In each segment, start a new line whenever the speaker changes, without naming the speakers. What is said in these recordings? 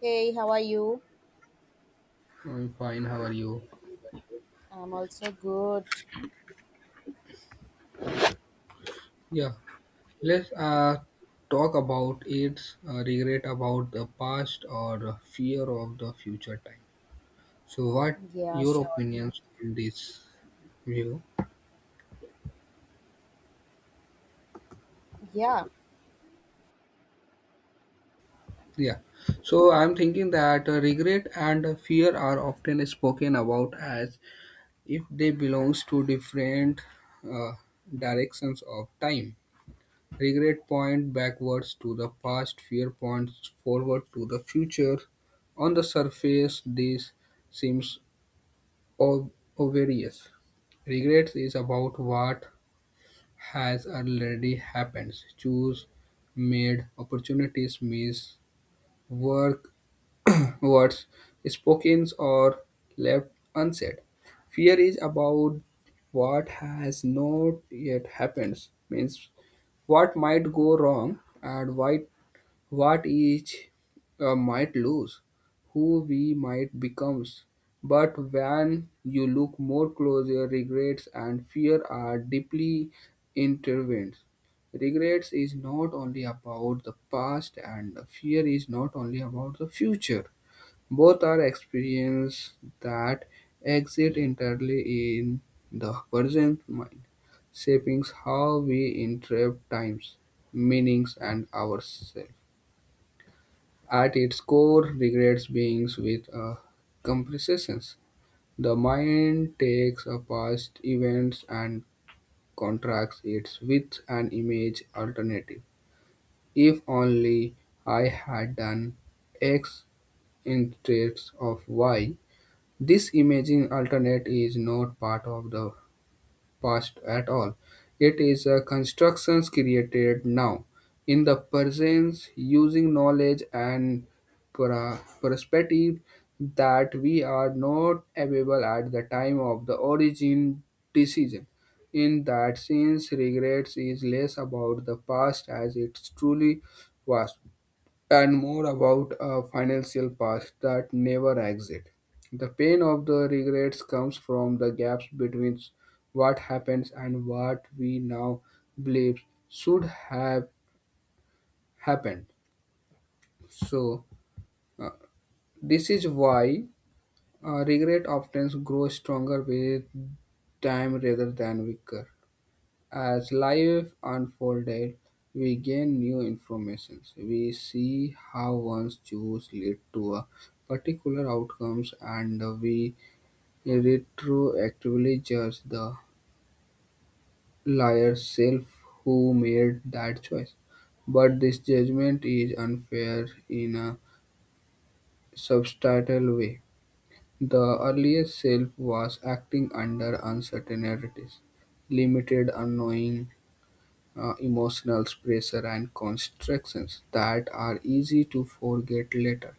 Hey, how are you?
I'm fine. How are you?
I'm also good.
Yeah, let's talk about its regret about the past or the fear of the future time. So, what
Yeah,
your
sure.
opinions on this view?
Yeah.
Yeah, so I'm thinking that regret and fear are often spoken about as if they belongs to different uh, directions of time. Regret point backwards to the past, fear points forward to the future. On the surface, this seems ob- obvious. Regrets is about what has already happened. Choose made opportunities miss work words spoken or left unsaid. Fear is about what has not yet happened means what might go wrong and why what each might lose, who we might become. But when you look more closely, regrets and fear are deeply intertwined. Regrets is not only about the past, and fear is not only about the future. Both are experiences that exist entirely in the present mind, shaping how we interpret times, meanings, and ourselves. At its core, regrets beings with a compressions. The mind takes a past events and contracts it with an image alternative. If only I had done X instead of Y. This imaging alternate is not part of the past at all. It is a construction created now in the presence using knowledge and perspective that we are not available at the time of the origin decision. In that sense, regrets is less about the past as it truly was and more about a financial past that never exit. The pain of the regrets comes from the gaps between what happens and what we now believe should have happened. So, uh, this is why regret often grows stronger with time rather than weaker. As life unfolded, we gained new information. We see how one's choice lead to a particular outcomes and we retroactively judge the liar's self who made that choice. But this judgment is unfair in a substantial way. The earlier self was acting under uncertainties, limited unknowing emotional pressure and constrictions that are easy to forget later.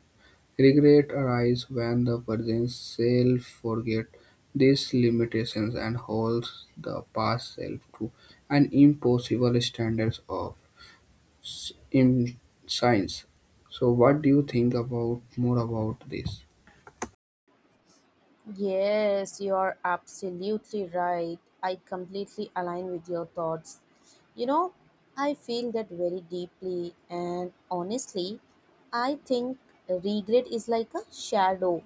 Regret arises when the person self forgets these limitations and holds the past self to an impossible standards of in science. So, what do you think about more about this?
Yes, you are absolutely right. I completely align with your thoughts. You know, I feel that very deeply, and honestly, I think regret is like a shadow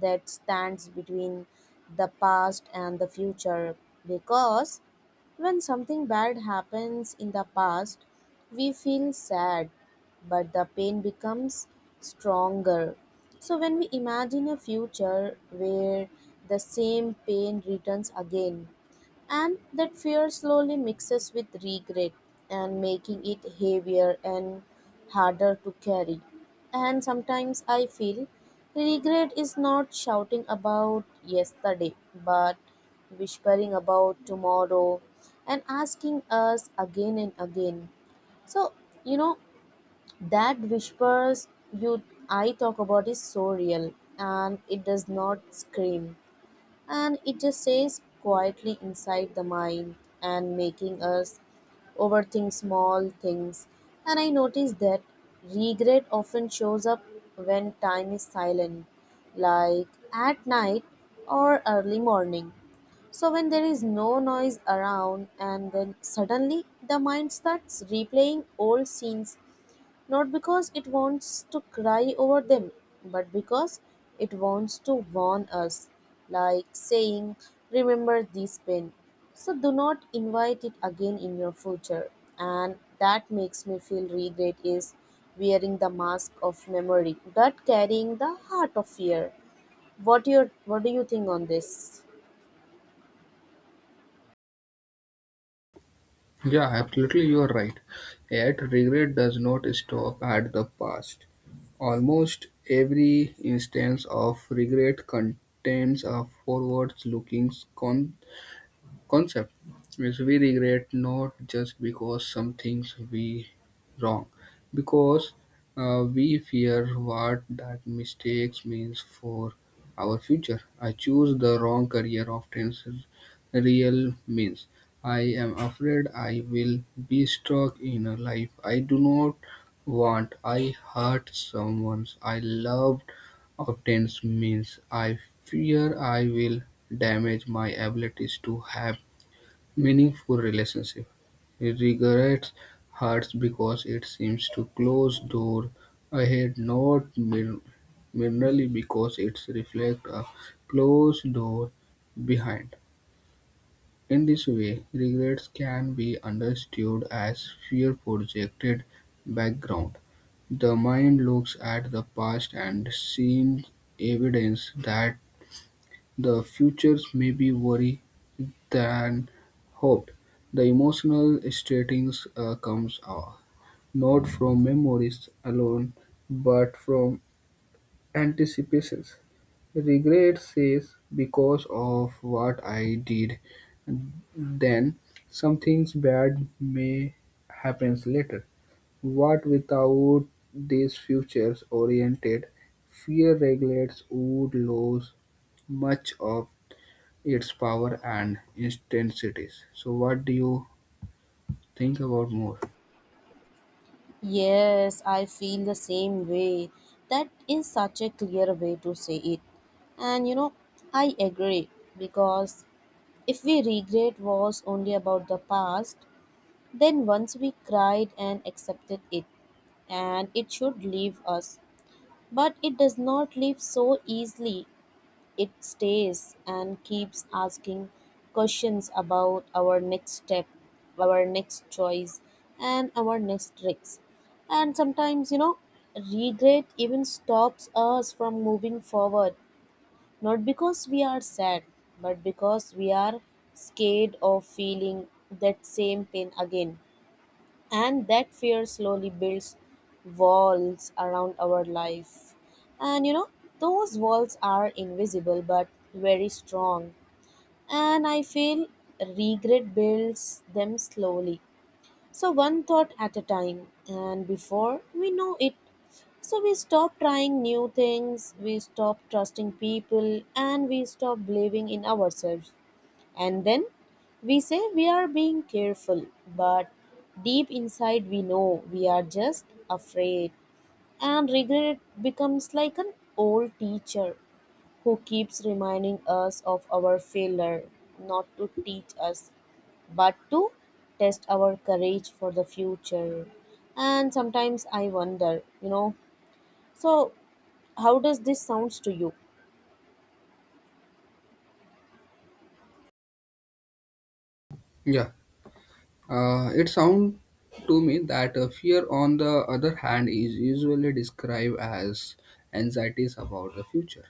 that stands between the past and the future because when something bad happens in the past, we feel sad, but the pain becomes stronger. So, when we imagine a future where the same pain returns again, and that fear slowly mixes with regret and making it heavier and harder to carry. And sometimes I feel regret is not shouting about yesterday, but whispering about tomorrow and asking us again and again. So, you know, that whispers you I talk about is so real, and it does not scream, and it just stays quietly inside the mind and making us overthink small things. And I notice that regret often shows up when time is silent, like at night or early morning. So when there is no noise around and then suddenly the mind starts replaying old scenes, not because it wants to cry over them, but because it wants to warn us, like saying, remember this pain. So do not invite it again in your future. And that makes me feel regret is wearing the mask of memory, but carrying the heart of fear. What do you think on this?
Yeah, absolutely, you are right. Yet, regret does not stop at the past. Almost every instance of regret contains a forward-looking concept means we regret not just because some things we wrong because we fear what that mistakes means for our future. I choose the wrong career often is real means I am afraid I will be stuck in a life I do not want. I hurt someone I loved often means I fear I will damage my abilities to have meaningful relationship. He regrets hurts because it seems to close door ahead, not merely because it reflects a closed door behind. In this way, regrets can be understood as fear projected background. The mind looks at the past and sees evidence that the future may be worry than hoped. The emotional stirrings comes not from memories alone, but from anticipations. Regret says, because of what I did then, something bad may happen later. What without these futures-oriented fear regulates would lose much of its power and intensities. So, what do you think about more.
Yes, I feel the same way. That is such a clear way to say it. And you know, I agree because if we regret was only about the past, then once we cried and accepted it, and it should leave us. But it does not leave so easily, it stays and keeps asking questions about our next step, our next choice, and our next tricks. And sometimes, you know, regret even stops us from moving forward, not because we are sad, but because we are scared of feeling that same pain again, and that fear slowly builds walls around our life. And you know, those walls are invisible but very strong, and I feel regret builds them slowly, so one thought at a time, and before we know it, so we stop trying new things, we stop trusting people, and we stop believing in ourselves. And then we say we are being careful, but deep inside we know we are just afraid. And regret becomes like an old teacher who keeps reminding us of our failure, not to teach us, but to test our courage for the future. And sometimes I wonder, you know, so, how does this sounds to you?
Yeah, it sounds to me that fear, on the other hand, is usually described as anxieties about the future.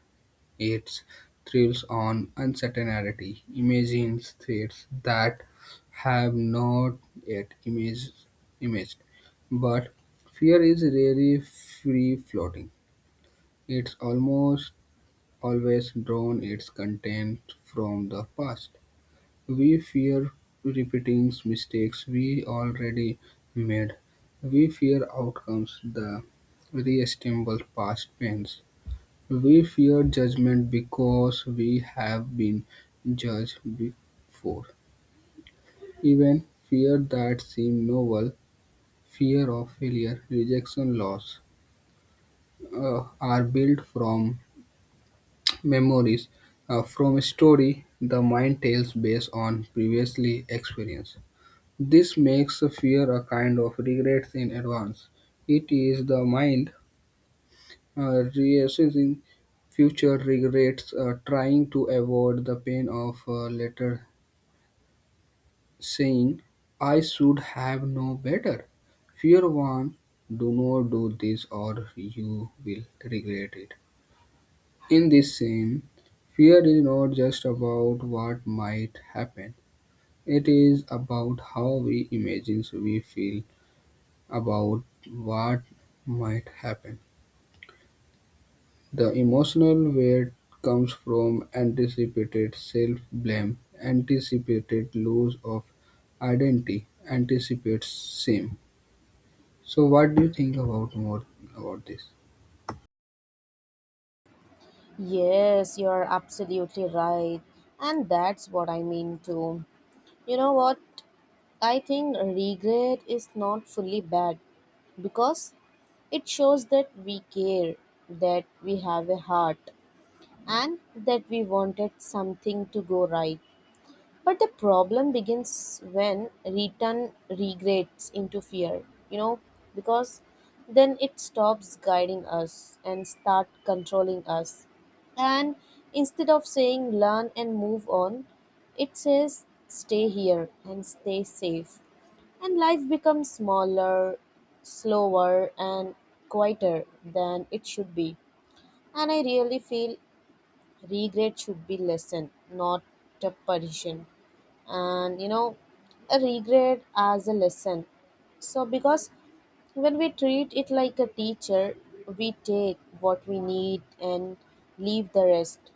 It thrills on uncertainty, imagines threats that have not yet imaged. But fear is rarely free floating. It's almost always drawn its content from the past. We fear repeating mistakes we already made. We fear outcomes the reassemble past pains. We fear judgment because we have been judged before. Even fear that seem novel, fear of failure, rejection, loss, are built from memories, from a story the mind tells based on previously experience. This makes fear a kind of regret in advance. It is the mind reassessing future regrets, trying to avoid the pain of later saying, I should have known better. Fear one, do not do this or you will regret it. In this same, fear is not just about what might happen, it is about how we imagine we feel about what might happen. The emotional weight comes from anticipated self-blame, anticipated loss of identity, anticipated shame. So, what do you think about more about this?
Yes, you're absolutely right. And that's what I mean too. You know what? I think regret is not fully bad because it shows that we care, that we have a heart, and that we wanted something to go right. But the problem begins when return regrades into fear, you know, because then it stops guiding us and start controlling us. And instead of saying learn and move on, it says stay here and stay safe. And life becomes smaller, slower, and quieter than it should be. And I really feel regret should be lesson, not a punishment. And you know, a regret as a lesson. So because when we treat it like a teacher, we take what we need and leave the rest.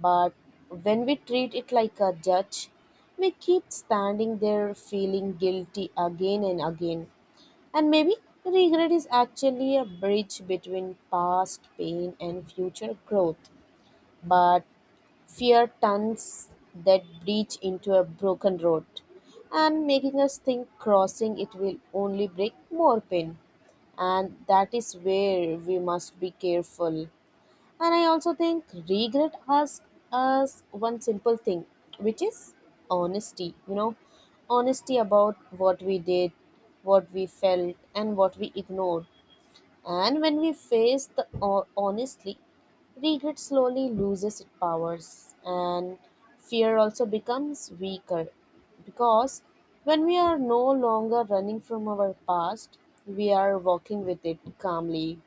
But when we treat it like a judge, we keep standing there feeling guilty again and again. And maybe regret is actually a bridge between past pain and future growth, but fear turns that bridge into a broken road and making us think crossing it will only bring more pain, and that is where we must be careful. And I also think regret asks us one simple thing, which is honesty. You know, honesty about what we did, what we felt, and what we ignored. And when we face the honestly, regret slowly loses its powers, and fear also becomes weaker, because when we are no longer running from our past, we are walking with it calmly,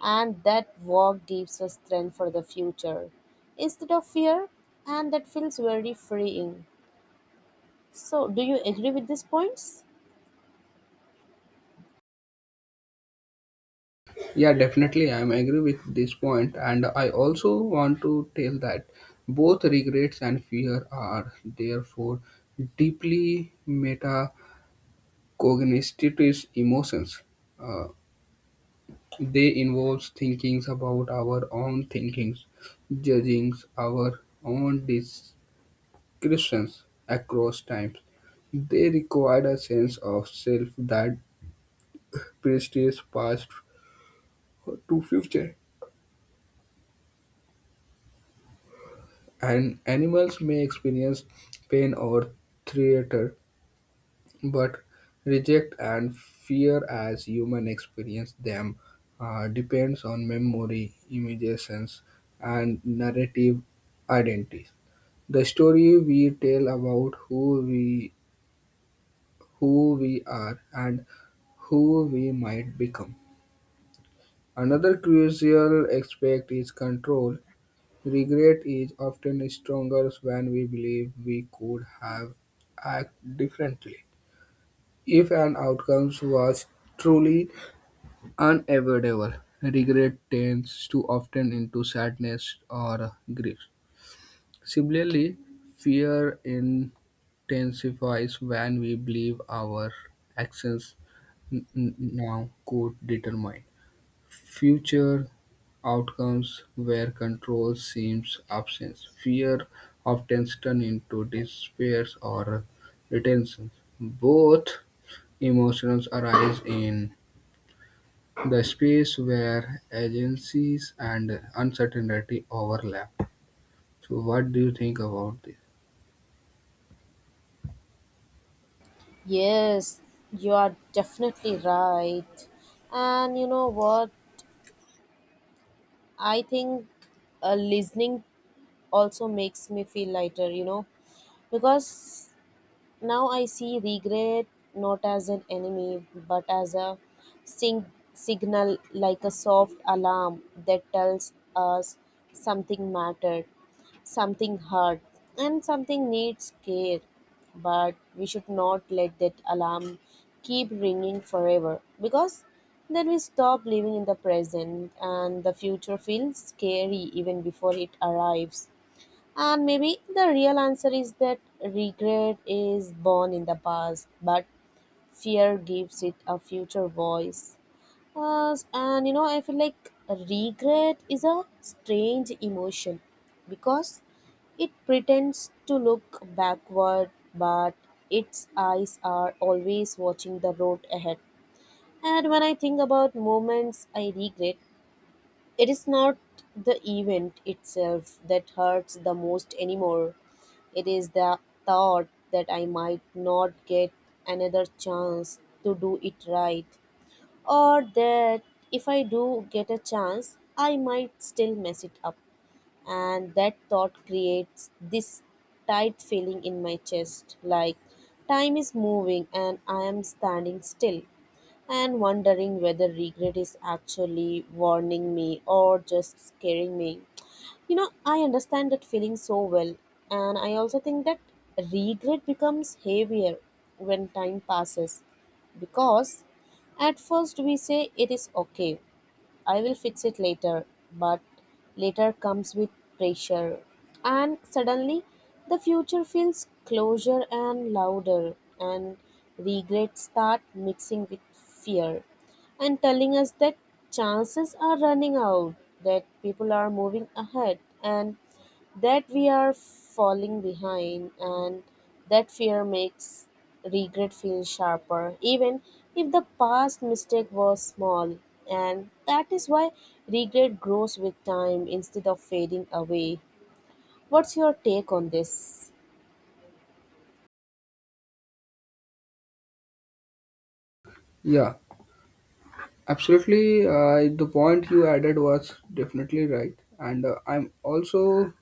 and that walk gives us strength for the future instead of fear, and that feels very freeing. So, do you agree with these points?
Yeah, definitely, I am agree with this point, and I also want to tell that both regrets and fear are therefore deeply metacognitive emotions. Uh, They involves thinkings about our own thinkings, judging our own discretions across time. They require a sense of self that precedes past to future. And animals may experience pain or theater, but reject and fear as human experience them depends on memory, imaginations, and narrative identities. The story we tell about who we are and who we might become. Another crucial aspect is control. Regret is often stronger when we believe we could have acted differently. If an outcome was truly unavoidable, regret tends to often into sadness or grief. Similarly, fear intensifies when we believe our actions now could determine future outcomes where control seems absent. Fear often turns into despair or retention. Both emotions arise in the space where agencies and uncertainty overlap. So, what do you think about this?
Yes, you are definitely right. And you know what? I think listening also makes me feel lighter, you know, because now I see regret not as an enemy but as a signal, like a soft alarm that tells us something mattered, something hurt, and something needs care. But we should not let that alarm keep ringing forever, because then we stop living in the present and the future feels scary even before it arrives. And maybe the real answer is that regret is born in the past, but fear gives it a future voice. And you know, I feel like regret is a strange emotion because it pretends to look backward, but its eyes are always watching the road ahead. And when I think about moments I regret, it is not the event itself that hurts the most anymore. It is the thought that I might not get another chance to do it right, or that if I do get a chance, I might still mess it up. And that thought creates this tight feeling in my chest, like time is moving and I am standing still, and wondering whether regret is actually warning me or just scaring me. You know, I understand that feeling so well, and I also think that regret becomes heavier when time passes, because at first we say it is okay, I will fix it later, but later comes with pressure. And suddenly, the future feels closer and louder, and regrets start mixing with fear and telling us that chances are running out, that people are moving ahead, and that we are falling behind, and that fear makes regret feel sharper, even if the past mistake was small. And that is why regret grows with time instead of fading away. What's your take on this?
Yeah, absolutely, the point you added was definitely right, and I'm also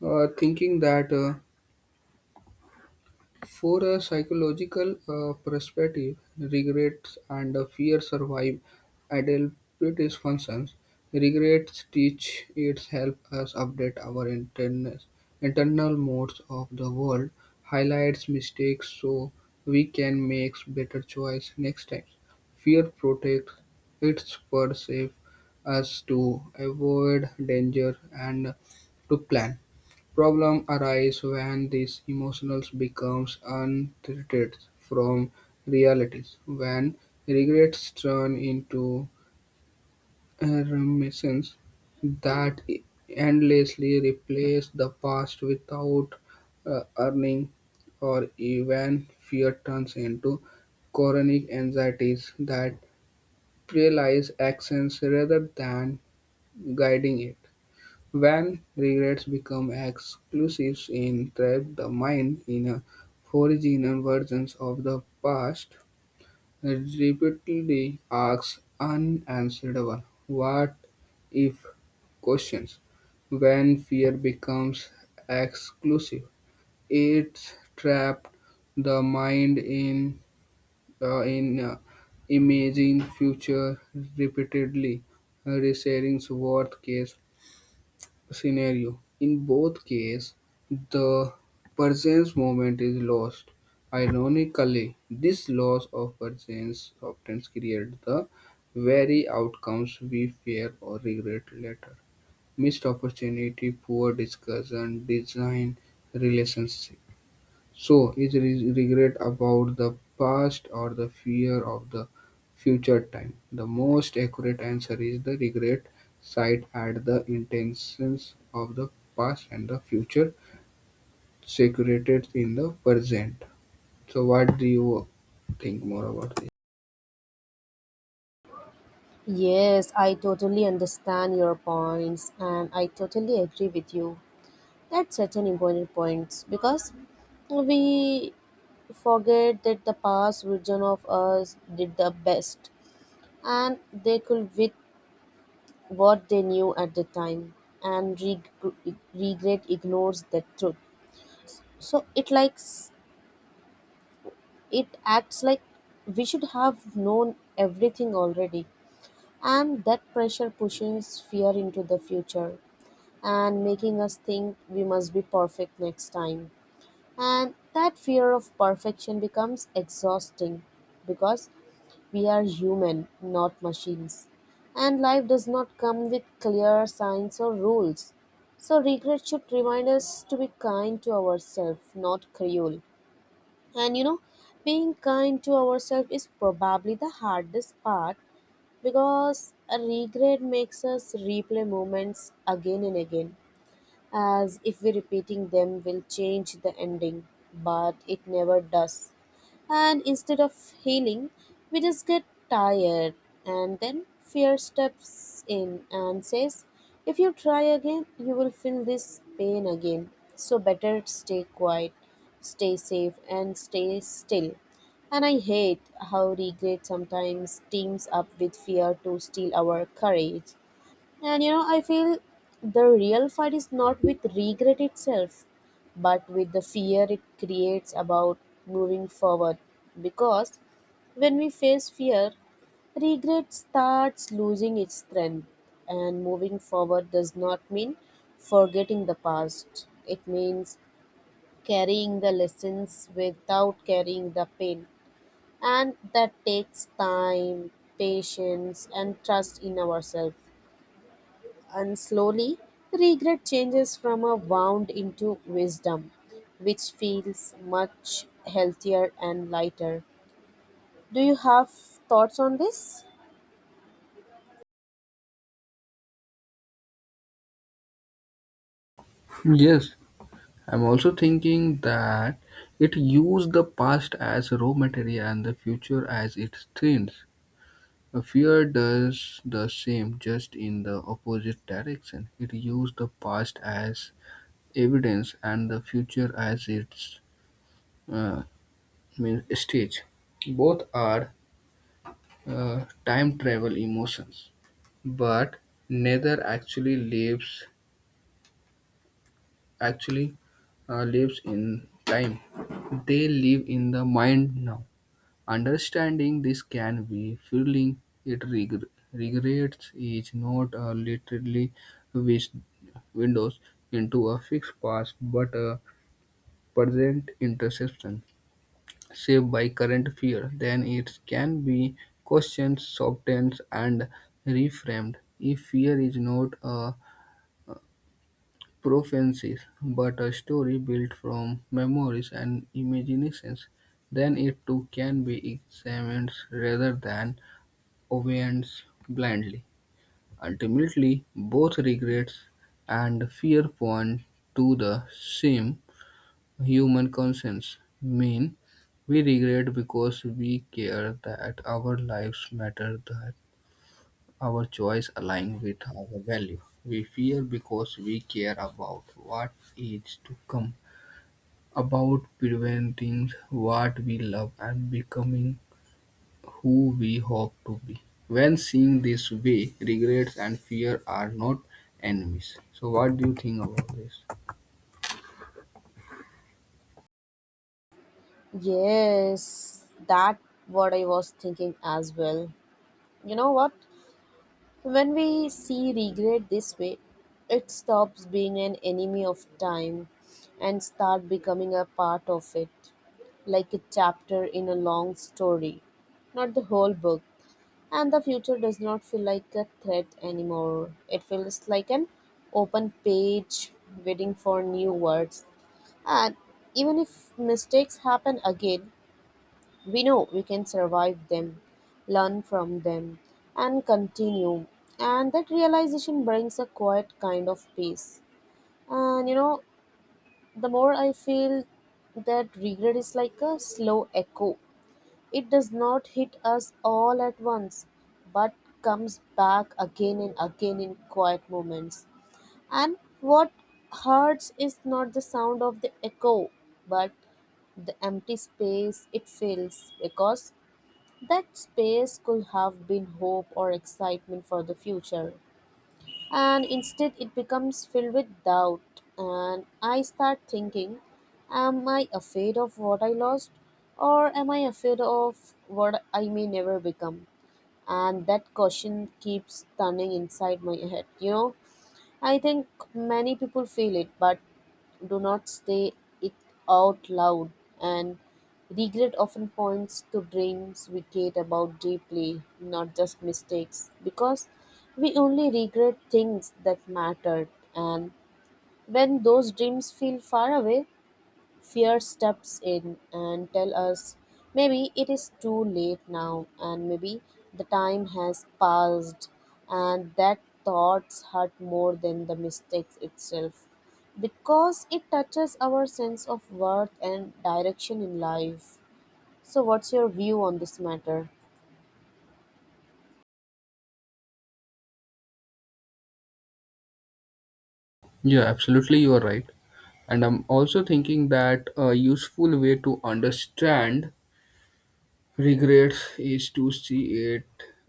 thinking that. For a psychological perspective, regrets and fear survive adaptive functions: Regrets teach it help us update our internal modes of the world, highlights mistakes so we can make better choice next time. Fear protects its perceive us to avoid danger and to plan. Problems arise when these emotions becomes untreated from realities; when regrets turn into reminiscences that endlessly replace the past without earning, or even fear turns into chronic anxieties that paralyze actions rather than guiding it. When regrets become exclusives in Trap the mind in a foreign versions of the past it repeatedly asks unanswerable what if questions. When fear becomes exclusive, it trapped the mind in uh, in uh, imaging future repeatedly, resetting worst case scenario. In both cases, the presence moment is lost. Ironically, this loss of presence often creates the very outcomes we fear or regret later. Missed opportunity, poor discussion, design, relationship. So, is regret about the past or the fear of the future time? The most accurate answer is the regret side at the intentions of the past and the future secreted in the present. So, what do you think more about this?
Yes, I totally understand your points and I totally agree with you. That's such an important point because we forget that the past version of us did the best and they could with what they knew at the time, and regret ignores that truth, so it likes it acts like we should have known everything already, and that pressure pushes fear into the future and making us think we must be perfect next time. And that fear of perfection becomes exhausting because we are human, not machines. And life does not come with clear signs or rules. So, regret should remind us to be kind to ourselves, not cruel. And you know, being kind to ourselves is probably the hardest part because a regret makes us replay moments again and again, as if we repeating them will change the ending, but it never does. And instead of healing, we just get tired, and then fear steps in and says, if you try again, you will feel this pain again. So better stay quiet, stay safe, and stay still. And I hate how regret sometimes teams up with fear to steal our courage. And you know, I feel the real fight is not with regret itself, but with the fear it creates about moving forward. Because when we face fear, regret starts losing its strength, and moving forward does not mean forgetting the past. It means carrying the lessons without carrying the pain. And that takes time, patience, and trust in ourselves. And slowly, regret changes from a wound into wisdom, which feels much healthier and lighter. Do you have thoughts on this?
Yes, I'm also thinking that it used the past as raw material and the future as its strength. A Fear does the same, just in the opposite direction. It uses the past as evidence and the future as its uh, stage. Both are time travel emotions, but neither actually lives in time. They live in the mind now. Understanding this can be fueling it regrets is not a literally wish windows into a fixed past but a present interception shaped by current fear then it can be questioned softened and reframed if fear is not a prophecy but a story built from memories and imaginations then it too can be examined rather than obedience blindly. Ultimately, both regret and fear point to the same human conscience. Mean, we regret because we care that our lives matter, that our choice align with our value. We fear because we care about what is to come, about preventing what we love and becoming who we hope to be. When seen this way, regrets and fear are not enemies. So, what do you think about this?
Yes, that what I was thinking as well. You know what? When we see regret this way, it stops being an enemy of time and start becoming a part of it, like a chapter in a long story, not the whole book. And the future does not feel like a threat anymore. It feels like an open page waiting for new words. And even if mistakes happen again, we know we can survive them, learn from them, and continue. And that realization brings a quiet kind of peace. And you know, the more I feel that regret is like a slow echo, it does not hit us all at once, but comes back again and again in quiet moments. And what hurts is not the sound of the echo, but the empty space it fills, because that space could have been hope or excitement for the future, and instead it becomes filled with doubt, and I start thinking, am I afraid of what I lost, or am I afraid of what I may never become? And that question keeps turning inside my head. You know, I think many people feel it but do not say it out loud, and regret often points to dreams we cared about deeply, not just mistakes, because we only regret things that mattered. And when those dreams feel far away, fear steps in and tell us maybe it is too late now, and maybe the time has passed, and that thoughts hurt more than the mistakes itself, because it touches our sense of worth and direction in life. So, what's your view on this matter?
Yeah, absolutely, you are right. And I'm also thinking that a useful way to understand regrets is to see it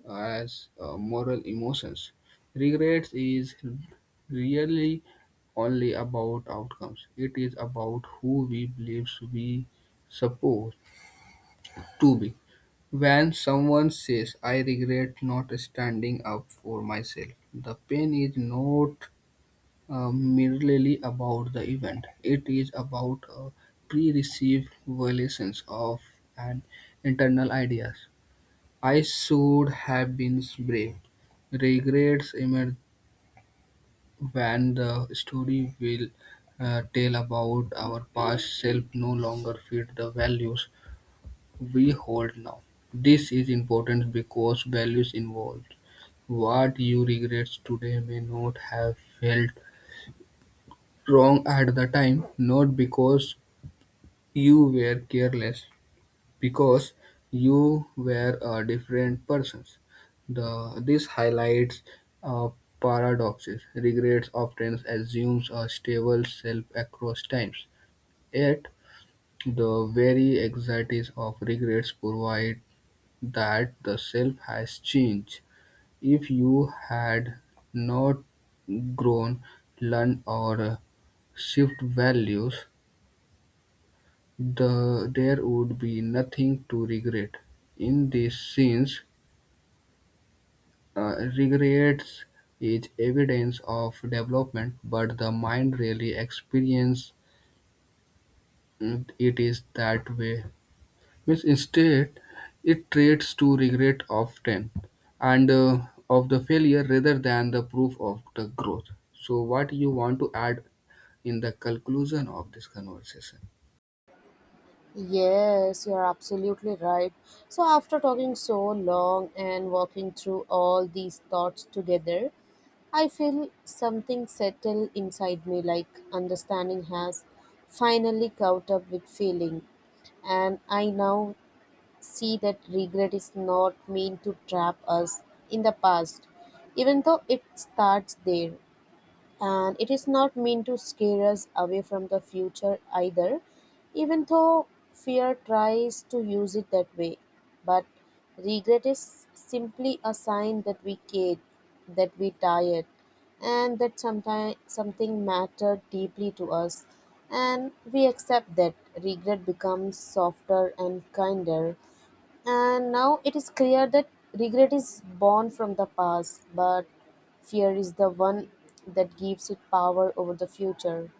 as moral emotions. Regrets is really only about outcomes, it is about who we believe we suppose to be. When someone says, I regret not standing up for myself, the pain is not merely about the event, it is about a pre received violation of an internal ideas. I should have been brave. Regrets emerge when the story will tell about our past self no longer fit the values we hold now. This is important because values involved. What you regret today may not have felt wrong at the time, not because you were careless, because you were a different person. This highlights uh, paradoxes. Regrets often assumes a stable self across times, yet the very anxieties of regrets provide that the self has changed. If you had not grown, learned, or shift values, there would be nothing to regret. In this sense, regrets is evidence of development, but the mind really experiences it is that way. Yes, instead, it trades to regret often and of the failure rather than the proof of the growth. So, what you want to add in the conclusion of this conversation?
Yes, you are absolutely right. So, after talking so long and walking through all these thoughts together, I feel something settle inside me, like understanding has finally caught up with feeling. And I now see that regret is not meant to trap us in the past, even though it starts there, and it is not meant to scare us away from the future either, even though fear tries to use it that way. But regret is simply a sign that we cared, that we tired, and that sometimes something mattered deeply to us, and we accept that regret becomes softer and kinder. And now it is clear that regret is born from the past, but fear is the one that gives it power over the future.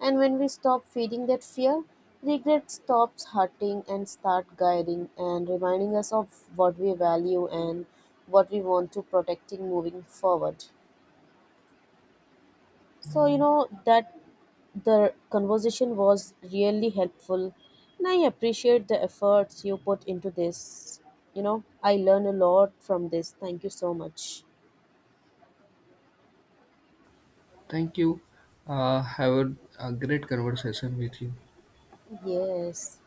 And when we stop feeding that fear, regret stops hurting and start guiding and reminding us of what we value and what we want to protecting moving forward. So, you know, that the conversation was really helpful. And I appreciate the efforts you put into this. You know, I learn a lot from this. Thank you so much.
Thank you. Have a great conversation with you.
Yes.